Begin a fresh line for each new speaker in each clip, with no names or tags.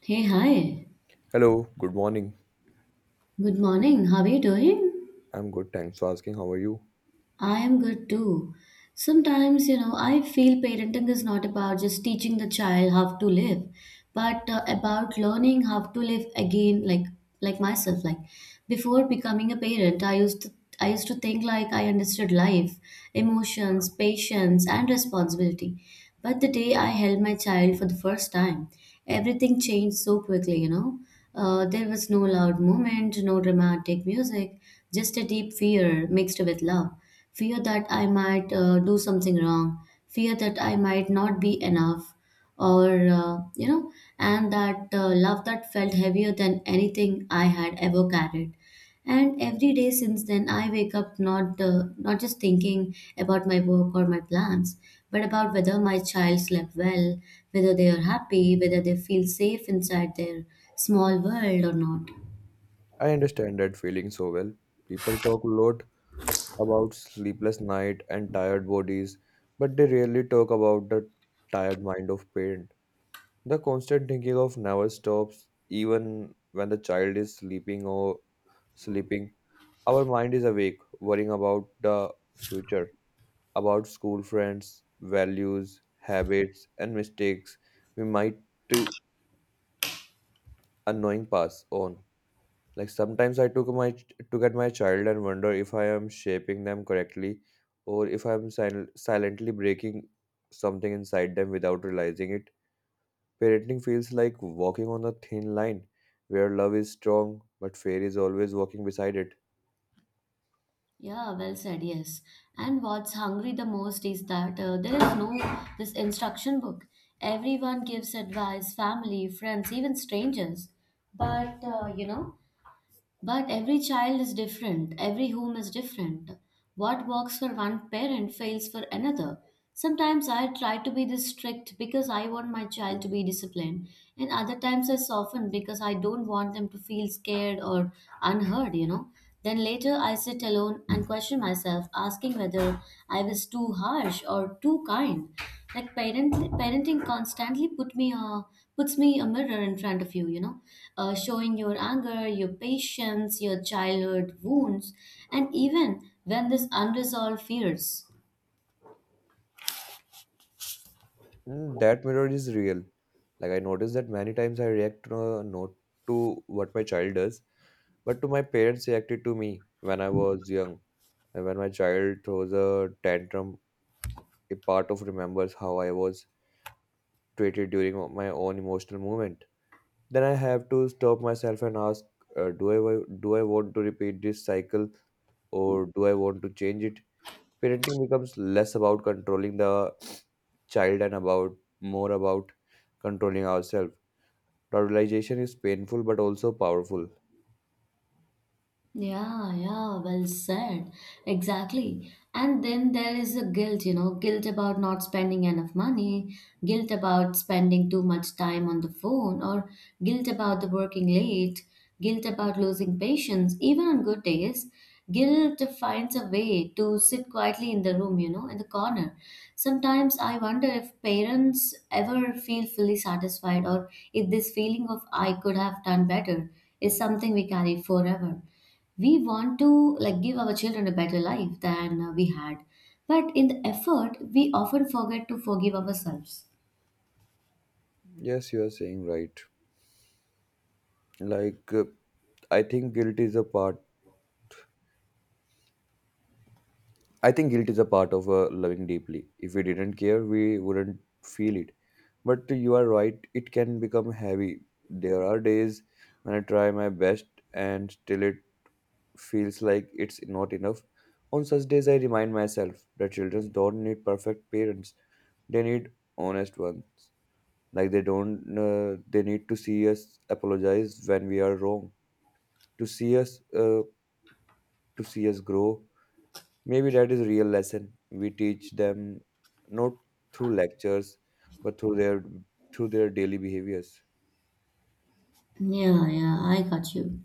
Hey, hi.
Hello, good morning.
Good morning. How are you doing?
I'm good, thanks for asking. How are you?
I am good too. Sometimes, I feel parenting is not about just teaching the child how to live, but about learning how to live again, like myself. Like before becoming a parent, I used to think like I understood life, emotions, patience, and responsibility. But the day I held my child for the first time, everything changed so quickly. There was no loud moment, no dramatic music, just a deep fear mixed with love, fear that I might do something wrong, fear that I might not be enough, or, and that love that felt heavier than anything I had ever carried. And every day since then, I wake up not just thinking about my work or my plans, but about whether my child slept well, whether they are happy, whether they feel safe inside their small world or not.
I understand that feeling so well. People talk a lot about sleepless night and tired bodies, but they rarely talk about the tired mind of parent. The constant thinking of never stops, even when the child is sleeping or sleeping. Our mind is awake, worrying about the future, about school friends, values, habits, and mistakes we might uh, unknowing pass on. Like sometimes I took my took at my child and wonder if I am shaping them correctly or if I'm silently breaking something inside them without realizing it. Parenting feels like walking on a thin line where love is strong but fear is always walking beside it.
Yeah, well said, yes. And what's hungry the most is that there is no this instruction book. Everyone gives advice, family, friends, even strangers. But uh, you know, but every child is different, every home is different. What works for one parent fails for another. Sometimes I try to be this strict because I want my child to be disciplined, and other times I soften because I don't want them to feel scared or unheard. Then later I sit alone and question myself, asking whether I was too harsh or too kind. Like parenting constantly puts me a mirror in front of you, showing your anger, your patience, your childhood wounds, and even when there's unresolved fears.
Mm, that mirror is real. Like I noticed that many times I react not to what my child does, but to my parents reacted to me when I was young. And when my child throws a tantrum, a part of remembers how I was treated during my own emotional moment. Then I have to stop myself and ask, do I do I want to repeat this cycle or do I want to change it? Parenting becomes less about controlling the child and about more about controlling ourselves. The realization is painful but also powerful.
Yeah, yeah, well said. Exactly. And then there is a guilt, guilt about not spending enough money, guilt about spending too much time on the phone, or guilt about the working late, guilt about losing patience, even on good days. Guilt finds a way to sit quietly in the room, in the corner. Sometimes I wonder if parents ever feel fully satisfied or if this feeling of I could have done better is something we carry forever. We want to, like, give our children a better life than we had, but in the effort we often forget to forgive ourselves.
Yes, you are saying right. Like uh, I think guilt is a part. I think guilt is a part of loving deeply. If we didn't care, we wouldn't feel it. But you are right, it can become heavy. There are days when I try my best and still it feels like it's not enough. On such days, I remind myself that children don't need perfect parents, they need honest ones. Like they don't, they need to see us apologize when we are wrong, to see to see us grow. Maybe that is real lesson we teach them, not through lectures, but through their daily behaviors.
Yeah, yeah, I got you.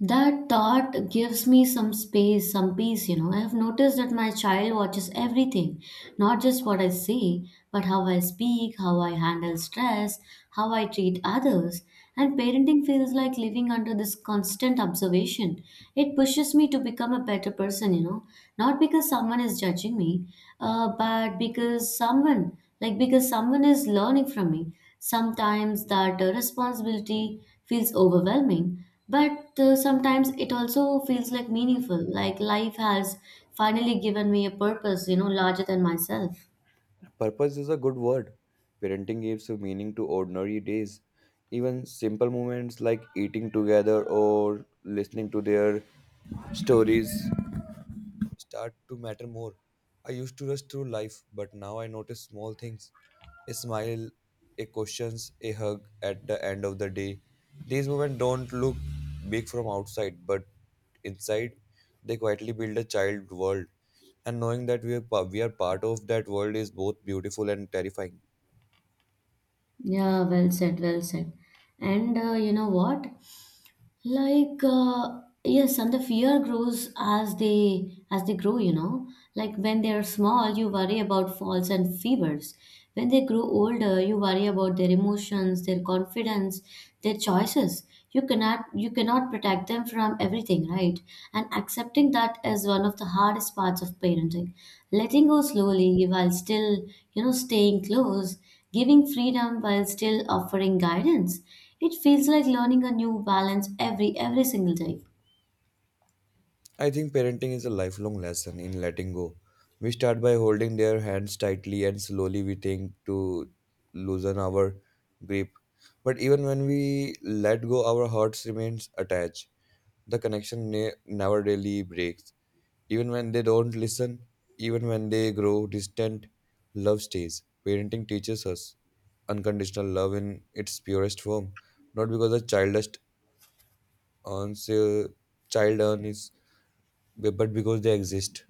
That thought gives me some space, some peace. I have noticed that my child watches everything, not just what I say, but how I speak, how I handle stress, how I treat others. And parenting feels like living under this constant observation. It pushes me to become a better person, not because someone is judging me, but because someone is learning from me. Sometimes that responsibility feels overwhelming, but sometimes it also feels like meaningful, like life has finally given me a purpose, larger than myself.
Purpose is a good word. Parenting gives a meaning to ordinary days. Even simple moments like eating together or listening to their stories start to matter more. I used to rush through life, but now I notice small things a smile, a question, a hug at the end of the day. These moments don't look big from outside, but inside, they quietly build a child world. And knowing that we are part of that world is both beautiful and terrifying.
Yeah, well said, well said. And you know what? Like, yes, and the fear grows as they grow. You know like when they are small, you worry about falls and fevers. When they grow older, you worry about their emotions, their confidence, their choices. You cannot protect them from everything, right? And accepting that is one of the hardest parts of parenting, letting go slowly while still, staying close, giving freedom while still offering guidance. It feels like learning a new balance every single day.
I think parenting is a lifelong lesson in letting go. We start by holding their hands tightly and slowly we think to loosen our grip. But even when we let go, our hearts remains attached. The connection never really breaks. Even when they don't listen, even when they grow distant, love stays. Parenting teaches us unconditional love in its purest form, not because a earns, uh, child earns, but because they exist.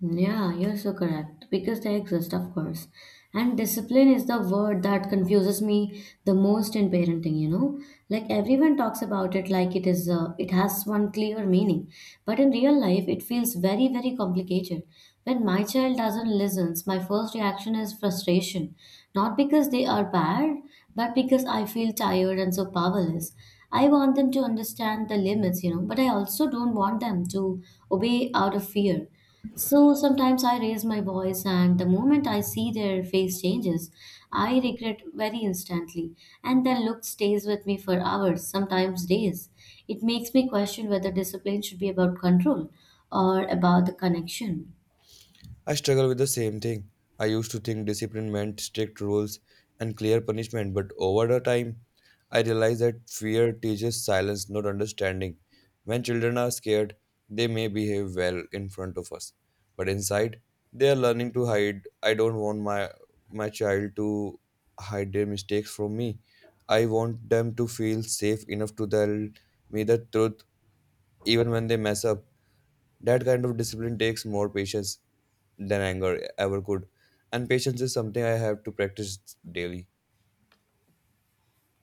Yeah, you're so correct. Because they exist, of course. And discipline is the word that confuses me the most in parenting, you know? Like everyone talks about it like it has one clear meaning, but in real life it feels very very complicated. When my child doesn't listen, my first reaction is frustration, not because they are bad, but because I feel tired and so powerless. I want them to understand the limits, but I also don't want them to obey out of fear. So sometimes I raise my voice, and the moment I see their face changes, I regret very instantly. And their look stays with me for hours, sometimes days. It makes me question whether discipline should be about control or about the connection.
I struggle with the same thing. I used to think discipline meant strict rules and clear punishment, but over the time, I realized that fear teaches silence, not understanding. When children are scared, they may behave well in front of us, but inside, they are learning to hide. I don't want my child to hide their mistakes from me. I want them to feel safe enough to tell me the truth even when they mess up. That kind of discipline takes more patience than anger ever could. And patience is something I have to practice daily.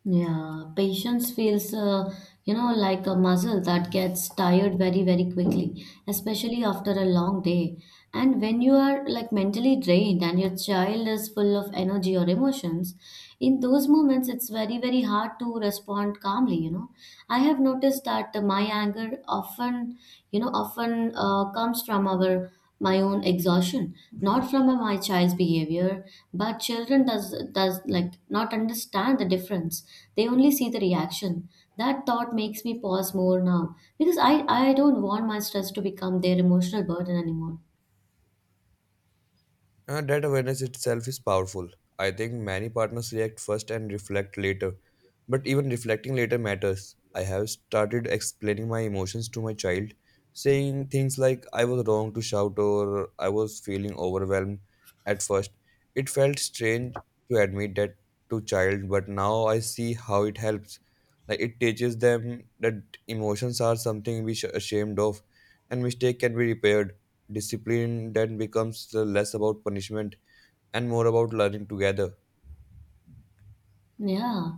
Yeah, patience feels, like a muscle that gets tired very, very quickly, especially after a long day. And when you are like mentally drained and your child is full of energy or emotions, in those moments it's very, very hard to respond calmly, I have noticed that my anger often comes from our my own exhaustion, not from my child's behavior. But children does like not understand the difference. They only see the reaction. That thought makes me pause more now, because I don't want my stress to become their emotional burden anymore.
That awareness itself is powerful. I think many partners react first and reflect later. But even reflecting later matters. I have started explaining my emotions to my child, saying things like I was wrong to shout or I was feeling overwhelmed at first. It felt strange to admit that to child, but now I see how it helps. Like it teaches them that emotions are something we should ashamed of and mistake can be repaired. Discipline then becomes less about punishment and more about learning together.
Yeah,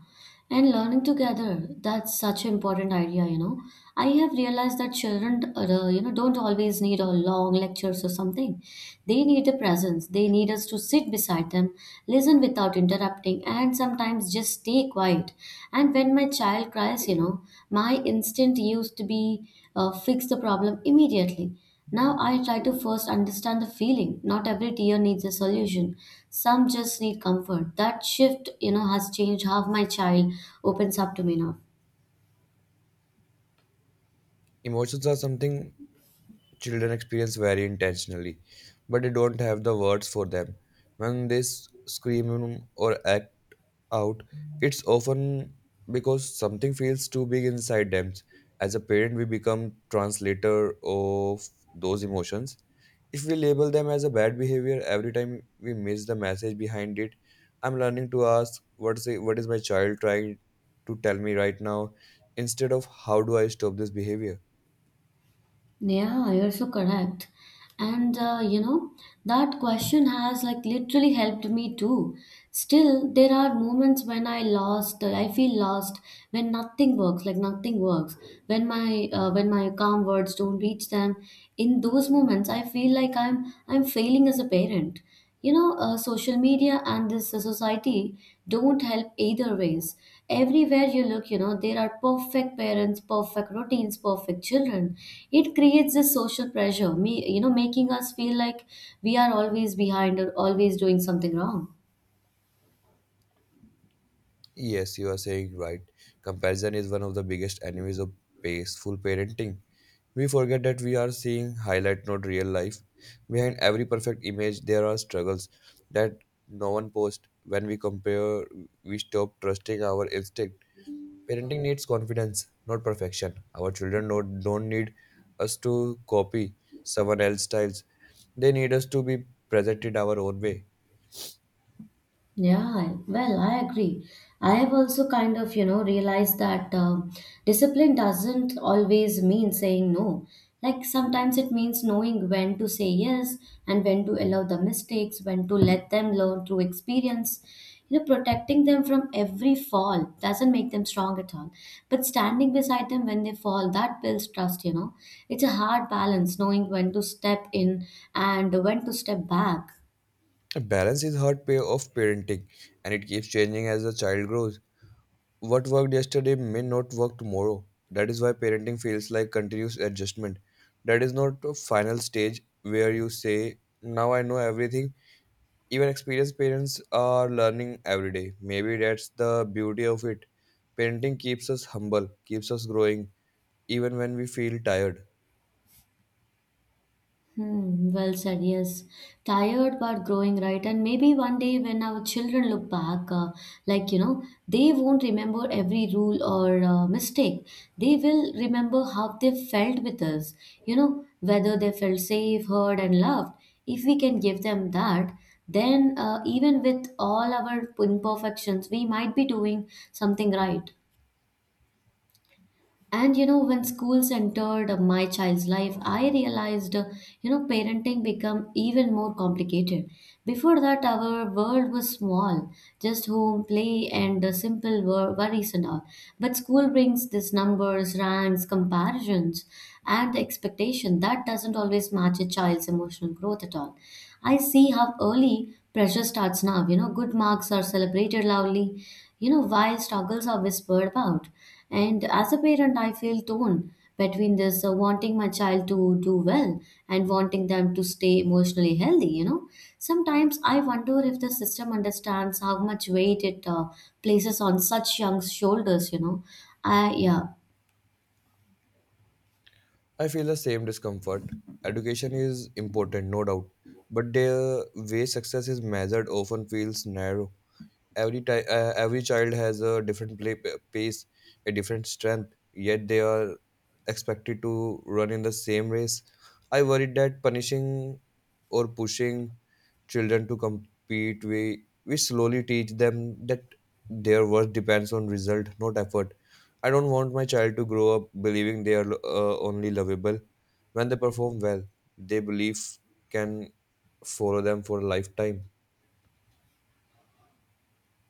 and learning together, that's such an important idea, I have realized that children, don't always need a long lectures or something. They need a presence. They need us to sit beside them, listen without interrupting, and sometimes just stay quiet. And when my child cries, my instinct used to be fix the problem immediately. Now I try to first understand the feeling. Not every tear needs a solution. Some just need comfort. That shift, has changed how my child opens up to me now.
Emotions are something Children experience very intentionally, but they don't have the words for them. When they scream or act out, it's often because something feels too big inside them. As a parent, we become translator of those emotions. If we label them as a bad behavior every time we miss the message behind it, I'm learning to ask what is it, what is my child trying to tell me right now instead of how do I stop this behavior?
Yeah, you're so correct. And that question has like literally helped me too. Still, there are moments when I feel lost, when nothing works, like nothing works, when my calm words don't reach them. In those moments, I feel like I'm failing as a parent. Social media and this society don't help either ways. Everywhere you look, there are perfect parents, perfect routines, perfect children. It creates this social pressure me, making us feel like we are always behind or always doing something wrong.
Yes, you are saying right. Comparison is one of the biggest enemies of peaceful parenting. We forget that we are seeing highlight, not real life. Behind every perfect image, there are struggles that no one posts. When we compare, we stop trusting our instinct. Parenting needs confidence, not perfection. Our children don't need us to copy someone else's styles. They need us to be present in our own way.
Yeah, well, I agree. I have also kind of, realized that discipline doesn't always mean saying no. Like sometimes it means knowing when to say yes and when to allow the mistakes, when to let them learn through experience. Protecting them from every fall doesn't make them strong at all. But standing beside them when they fall, that builds trust. It's a hard balance knowing when to step in and when to step back.
Balance is hard pay of parenting and it keeps changing as the child grows. What worked yesterday may not work tomorrow. That is why parenting feels like continuous adjustment. That is not a final stage where you say, now I know everything. Even experienced parents are learning every day. Maybe that's the beauty of it. Parenting keeps us humble, keeps us growing, even when we feel tired.
Hmm, well said, yes. Tired but growing, right? And maybe one day when our children look back, like, they won't remember every rule or mistake. They will remember how they felt with us, whether they felt safe, heard, and loved. If we can give them that, then even with all our imperfections, we might be doing something right. And when schools entered my child's life, I realized, parenting become even more complicated. Before that, our world was small, just home, play, and simple worries and all. But school brings this numbers, ranks, comparisons, and the expectation that doesn't always match a child's emotional growth at all. I see how early pressure starts now. Good marks are celebrated loudly, while struggles are whispered about, and as a parent, I feel torn between this wanting my child to do well and wanting them to stay emotionally healthy, Sometimes I wonder if the system understands how much weight it places on such young shoulders, Yeah.
I feel the same discomfort. Education is important, no doubt, but the way success is measured often feels narrow every every child has a different pace, a different strength, yet they are expected to run in the same race. I worried that punishing or pushing children to compete, we slowly teach them that their worth depends on result not effort. I don't want my child to grow up believing they are only lovable when they perform well. They believe can follow them for a lifetime.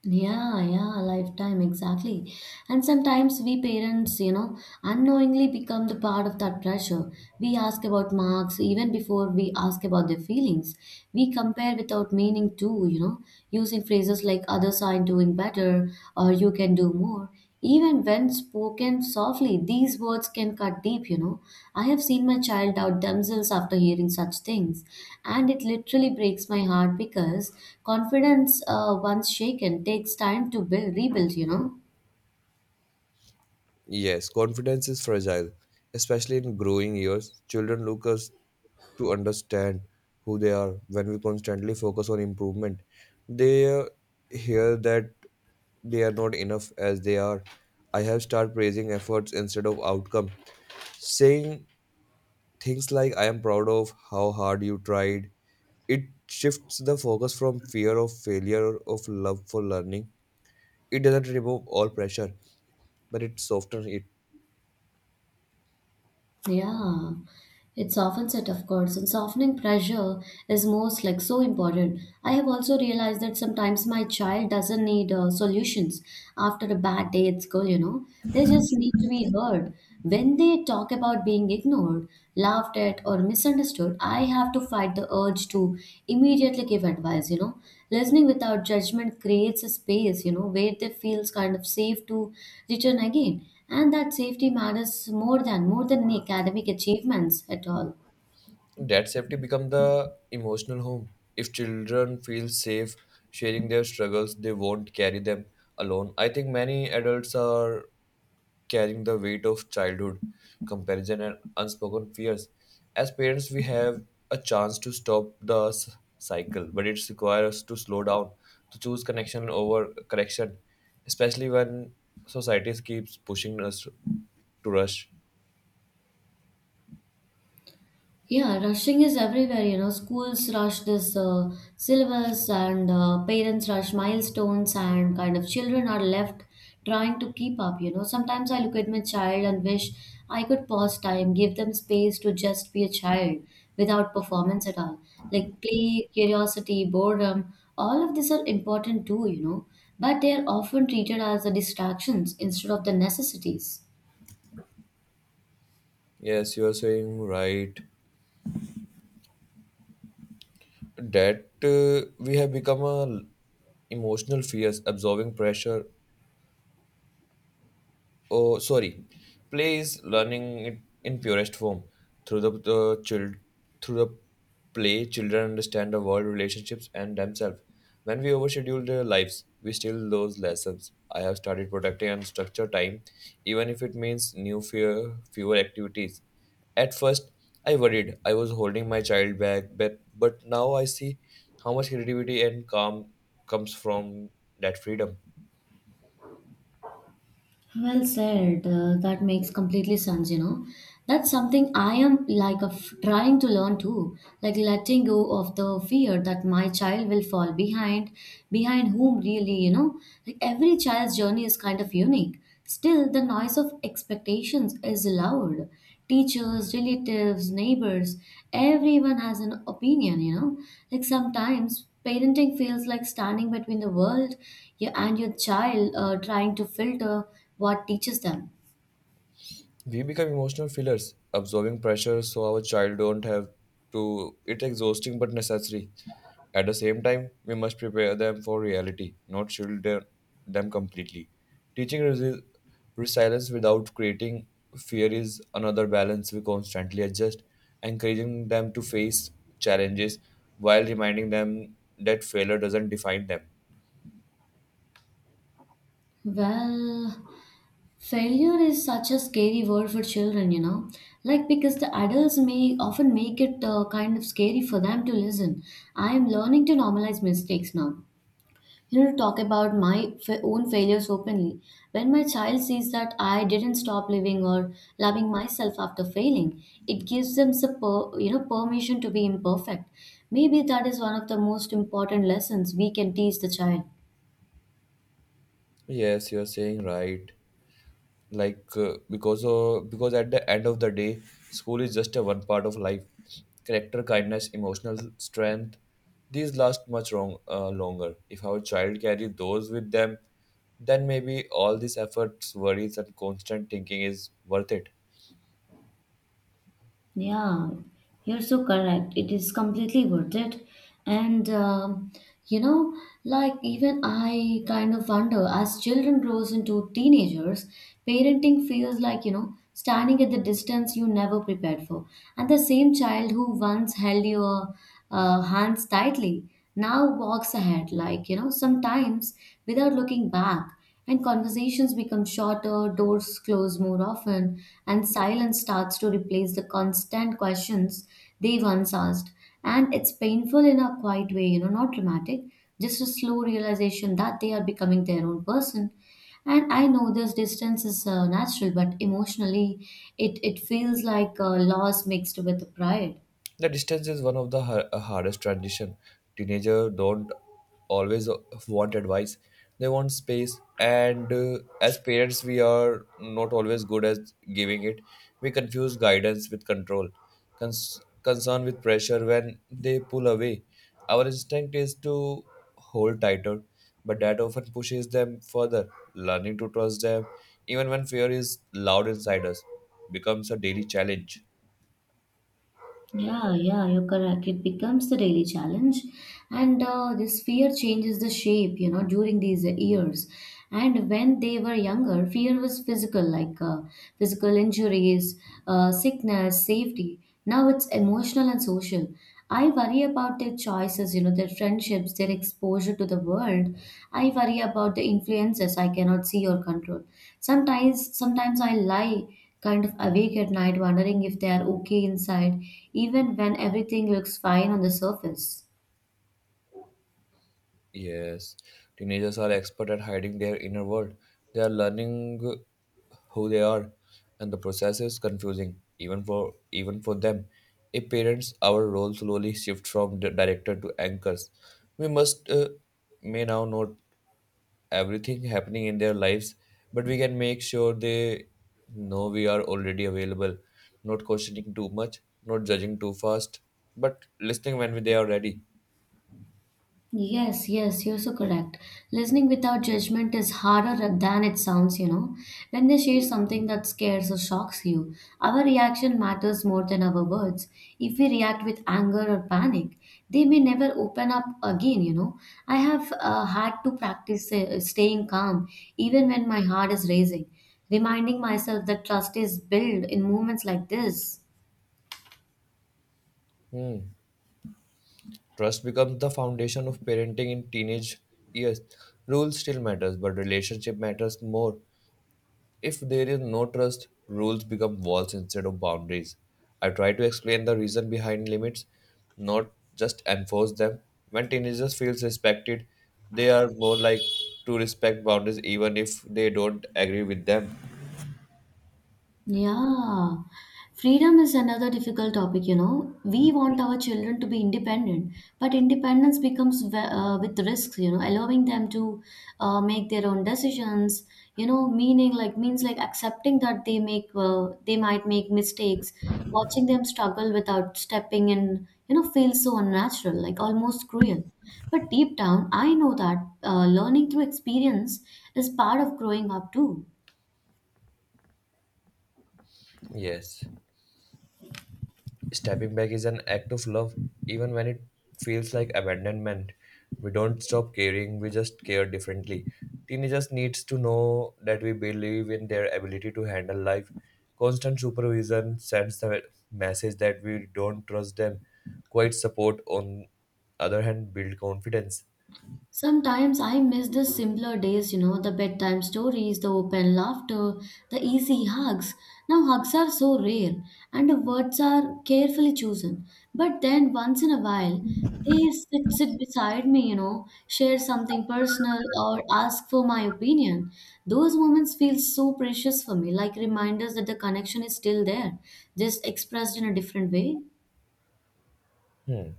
Yeah, yeah, lifetime, exactly. And sometimes we parents, unknowingly become the part of that pressure. We ask about marks even before we ask about their feelings. We compare without meaning too, using phrases like others are doing better or you can do more. Even when spoken softly, these words can cut deep, I have seen my child doubt themselves after hearing such things, and it literally breaks my heart because confidence, once shaken, takes time to build, rebuild.
Yes, confidence is fragile, especially in growing years. Children look us to understand who they are when we constantly focus on improvement. They hear that they are not enough as they are. I have started praising efforts instead of outcome. Saying things like I am proud of how hard you tried. It shifts the focus from fear of failure of love for learning. It doesn't remove all pressure, but it softens it.
Yeah, it softens it, of course, and softening pressure is most like so important. I have also realized that sometimes my child doesn't need solutions after a bad day at school, they just need to be heard. When they talk about being ignored, laughed at, or misunderstood, I have to fight the urge to immediately give advice, Listening without judgment creates a space, where they feels kind of safe to return again, and that safety matters more than any academic achievements at all.
That safety become the emotional home. If children feel safe sharing their struggles they won't carry them alone. I think many adults are carrying the weight of childhood comparison and unspoken fears. As parents we have a chance to stop the cycle, but it requires us to slow down, to choose connection over correction, especially when society keeps pushing us to rush.
Yeah, rushing is everywhere. Schools rush this syllabus, and parents rush milestones, and kind of children are left trying to keep up. You know, sometimes I look at my child and wish I could pause time, give them space to just be a child without performance at all. Like play, curiosity, boredom, all of these are important too, you know, but they are often treated as the distractions instead of the necessities.
Yes, you are saying right. That we have become a emotional fears absorbing pressure. Oh, sorry. Play is learning it in purest form. Through the child, through the play children understand the world relationships and themselves. When we overschedule their lives we steal those lessons. I have started protecting and structure time, even if it means new fear fewer activities. At first I worried I was holding my child back, but now I see how much creativity and calm comes from that freedom.
Well said. That makes completely sense, you know. That's something I am like a f trying to learn too, like letting go of the fear that my child will fall behind, behind whom really, you know, like every child's journey is kind of unique. Still, the noise of expectations is loud. Teachers, relatives, neighbors, everyone has an opinion, you know. Like sometimes parenting feels like standing between the world and your child, trying to filter what teaches them?
We become emotional fillers, absorbing pressure so our child don't have to. It's exhausting but necessary. At the same time, we must prepare them for reality, not shield them completely. Teaching resilience without creating fear is another balance we constantly adjust, encouraging them to face challenges while reminding them that failure doesn't define them.
Well, failure is such a scary word for children, you know, like because the adults may often make it kind of scary for them to listen. I am learning to normalize mistakes now. You know, to talk about my own failures openly. When my child sees that I didn't stop living or loving myself after failing, it gives them the you know permission to be imperfect. Maybe that is one of the most important lessons we can teach the child.
Yes, you're saying right. Because because at the end of the day school is just a one part of life. Character, kindness, emotional strength, these last longer if our child carry those with them. Then maybe all these efforts worries and constant thinking is worth it.
Yeah, you're so correct. It is completely worth it. And you know, like even I kind of wonder as children grows into teenagers, parenting feels like, you know, standing at the distance you never prepared for. And the same child who once held your hands tightly now walks ahead, like, you know, sometimes without looking back and conversations become shorter, doors close more often, and silence starts to replace the constant questions they once asked. And it's painful in a quiet way, you know, not dramatic, just a slow realization that they are becoming their own person. And I know this distance is natural, but emotionally, it feels like loss mixed with pride.
The distance is one of the hardest transition. Teenagers don't always want advice; they want space. And as parents, we are not always good at giving it. We confuse guidance with control, concern with pressure. When they pull away, our instinct is to hold tighter, but that often pushes them further. Learning to trust them, even when fear is loud inside us, becomes a daily challenge.
Yeah, yeah, you're correct. It becomes the daily challenge, and this fear changes the shape, you know, during these years. And when they were younger, fear was physical, like physical injuries, sickness, safety. Now it's emotional and social. I worry about their choices, you know, their friendships, their exposure to the world. I worry about the influences I cannot see or control. Sometimes I lie kind of awake at night wondering if they are okay inside, even when everything looks fine on the surface.
Yes, teenagers are expert at hiding their inner world. They are learning who they are, and the process is confusing even for them. If parents, our role slowly shift from the director to anchors. We must may now note everything happening in their lives, but we can make sure they know we are already available, not questioning too much, not judging too fast, but listening when they are ready.
Yes, yes, you're so correct. Listening without judgment is harder than it sounds, you know. When they share something that scares or shocks you, our reaction matters more than our words. If we react with anger or panic, they may never open up again, you know. I have had to practice staying calm even when my heart is racing, reminding myself that trust is built in moments like this.
Trust becomes the foundation of parenting in teenage years. Rules still matters, but relationship matters more. If there is no trust, rules become walls instead of boundaries. I try to explain the reason behind limits, not just enforce them. When teenagers feels respected, they are more like to respect boundaries even if they don't agree with them.
Yeah, freedom is another difficult topic, you know. We want our children to be independent, but independence becomes with risks, you know, allowing them to make their own decisions, you know, meaning like means like accepting that they make they might make mistakes, watching them struggle without stepping in, you know, feels so unnatural, like almost cruel. But deep down, I know that learning through experience is part of growing up too.
Yes. Stepping back is an act of love, even when it feels like abandonment. We don't stop caring, we just care differently. Teenagers needs to know that we believe in their ability to handle life. Constant supervision sends the message that we don't trust them. Quiet support, on other hand, build confidence.
Sometimes I miss the simpler days, you know, the bedtime stories, the open laughter, the easy hugs. Now, hugs are so rare and the words are carefully chosen. But then, once in a while, they sit beside me, you know, share something personal or ask for my opinion. Those moments feel so precious for me, like reminders that the connection is still there, just expressed in a different way.
Hmm.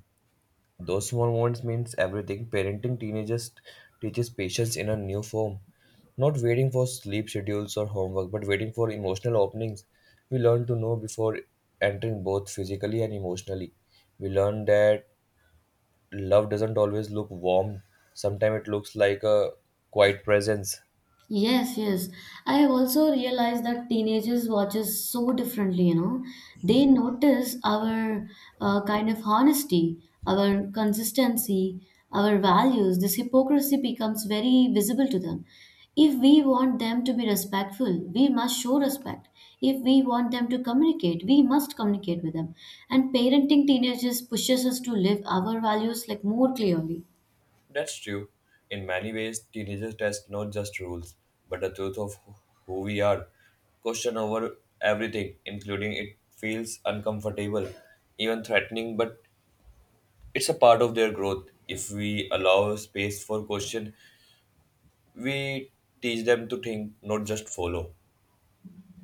Those small moments means everything. Parenting teenagers teaches patience in a new form. Not waiting for sleep schedules or homework, but waiting for emotional openings. We learn to know before entering both physically and emotionally. We learn that love doesn't always look warm. Sometimes it looks like a quiet presence.
Yes, yes. I have also realized that teenagers watches so differently, you know. They notice our kind of honesty, our consistency, our values. This hypocrisy becomes very visible to them. If we want them to be respectful, we must show respect. If we want them to communicate, we must communicate with them. And parenting teenagers pushes us to live our values like more clearly.
That's true. In many ways, teenagers test not just rules, but the truth of who we are. Question over everything, including it feels uncomfortable, even threatening, but it's a part of their growth. If we allow space for question, we teach them to think, not just follow.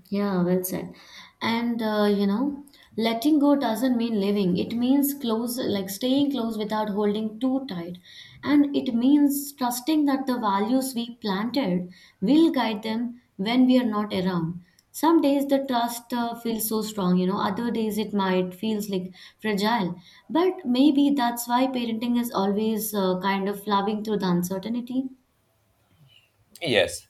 Yeah, well said. And you know, letting go doesn't mean leaving. It means close, like staying close without holding too tight. And it means trusting that the values we planted will guide them when we are not around. Some days the trust feels so strong, you know, other days it might feels like fragile. But maybe that's why parenting is always kind of loving through the uncertainty.
Yes,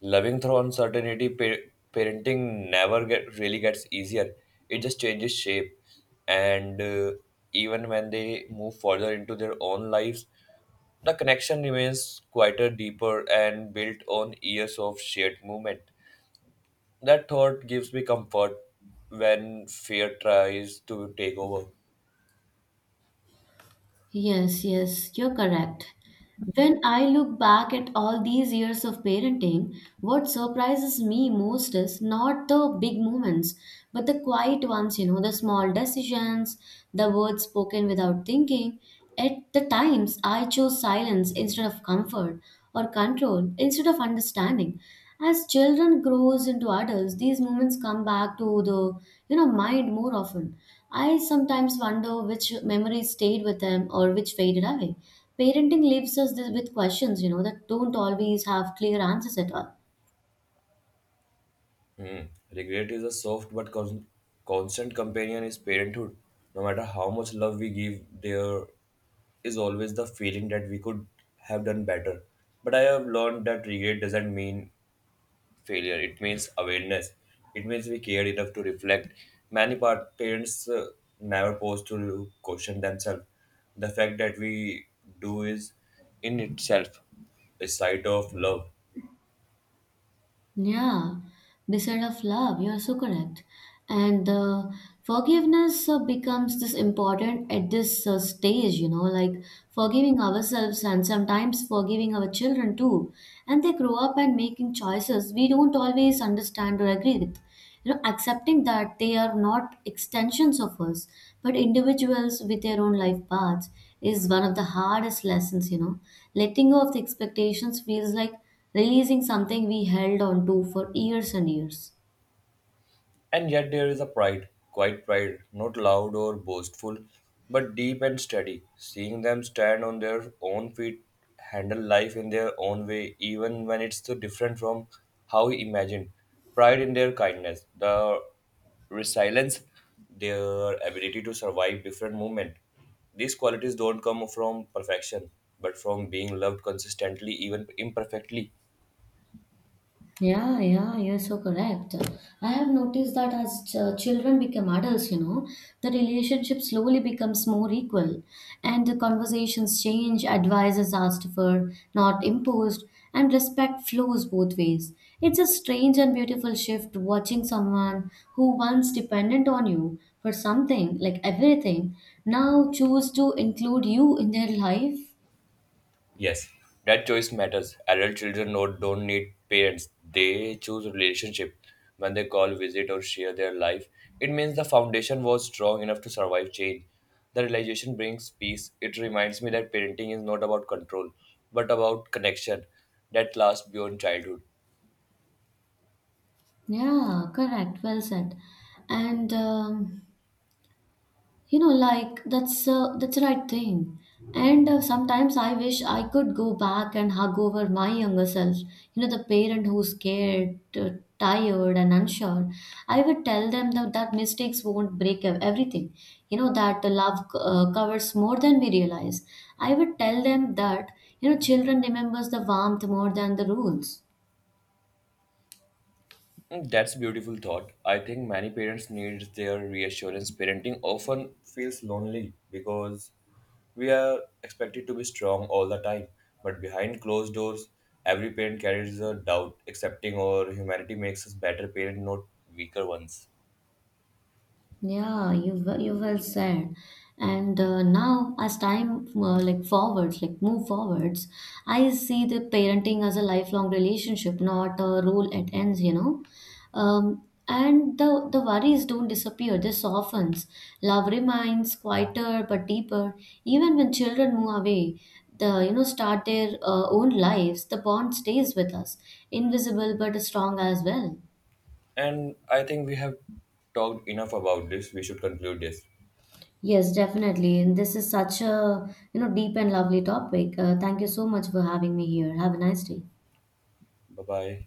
loving through uncertainty, parenting never get really gets easier. It just changes shape, and even when they move further into their own lives, the connection remains quieter, deeper, and built on years of shared movement. That thought gives me comfort when fear tries to take over.
Yes, yes, you're correct. When I look back at all these years of parenting, what surprises me most is not the big moments, but the quiet ones, you know, the small decisions, the words spoken without thinking. At the times, I chose silence instead of comfort, or control instead of understanding. As children grows into adults, these moments come back to the you know mind more often. I sometimes wonder which memories stayed with them or which faded away. Parenting leaves us with questions, you know, that don't always have clear answers at all.
Hmm. Regret is a soft but constant companion is parenthood. No matter how much love we give, there is always the feeling that we could have done better. But I have learned that regret doesn't mean failure. It means awareness. It means we cared enough to reflect. Many parents never pause to question themselves. The fact that we do is in itself a site of love.
Yeah, beside of love, you are so correct. And forgiveness becomes this important at this stage, you know, like forgiving ourselves and sometimes forgiving our children too. And they grow up and making choices we don't always understand or agree with. You know, accepting that they are not extensions of us, but individuals with their own life paths is one of the hardest lessons, you know. Letting go of the expectations feels like releasing something we held on to for years and years.
And yet there is a pride, quiet pride, not loud or boastful, but deep and steady. Seeing them stand on their own feet, handle life in their own way, even when it's so different from how we imagined. Pride in their kindness, the resilience, their ability to survive different movement. These qualities don't come from perfection, but from being loved consistently, even imperfectly.
Yeah, yeah, you're so correct. I have noticed that as children become adults, you know, the relationship slowly becomes more equal and the conversations change, advice is asked for, not imposed, and respect flows both ways. It's a strange and beautiful shift watching someone who once dependent on you for something, like everything, now choose to include you in their life.
Yes, that choice matters. Adult children don't need parents. They choose relationship. When they call, visit, or share their life, it means the foundation was strong enough to survive change. The realization brings peace. It reminds me that parenting is not about control, but about connection that lasts beyond childhood.
Yeah, correct. Well said. And you know, like that's the right thing. And sometimes I wish I could go back and hug over my younger self. You know, the parent who's scared, tired, and unsure. I would tell them that mistakes won't break everything. You know, that the love covers more than we realize. I would tell them that you know, children remembers the warmth more than the rules.
Mm, that's a beautiful thought. I think many parents need their reassurance. Parenting often feels lonely because we are expected to be strong all the time. But behind closed doors, every parent carries a doubt. Accepting our humanity makes us better parents, not weaker ones.
Yeah, you well said. And now, as time like move forwards, I see the parenting as a lifelong relationship, not a role it ends. You know, and the worries don't disappear; they softens. Love remains quieter but deeper. Even when children move away, the you know start their own lives, the bond stays with us, invisible but strong as well.
And I think we have talked enough about this. We should conclude this.
Yes, definitely. And this is such a, you know, deep and lovely topic. Thank you so much for having me here. Have a nice day.
Bye bye.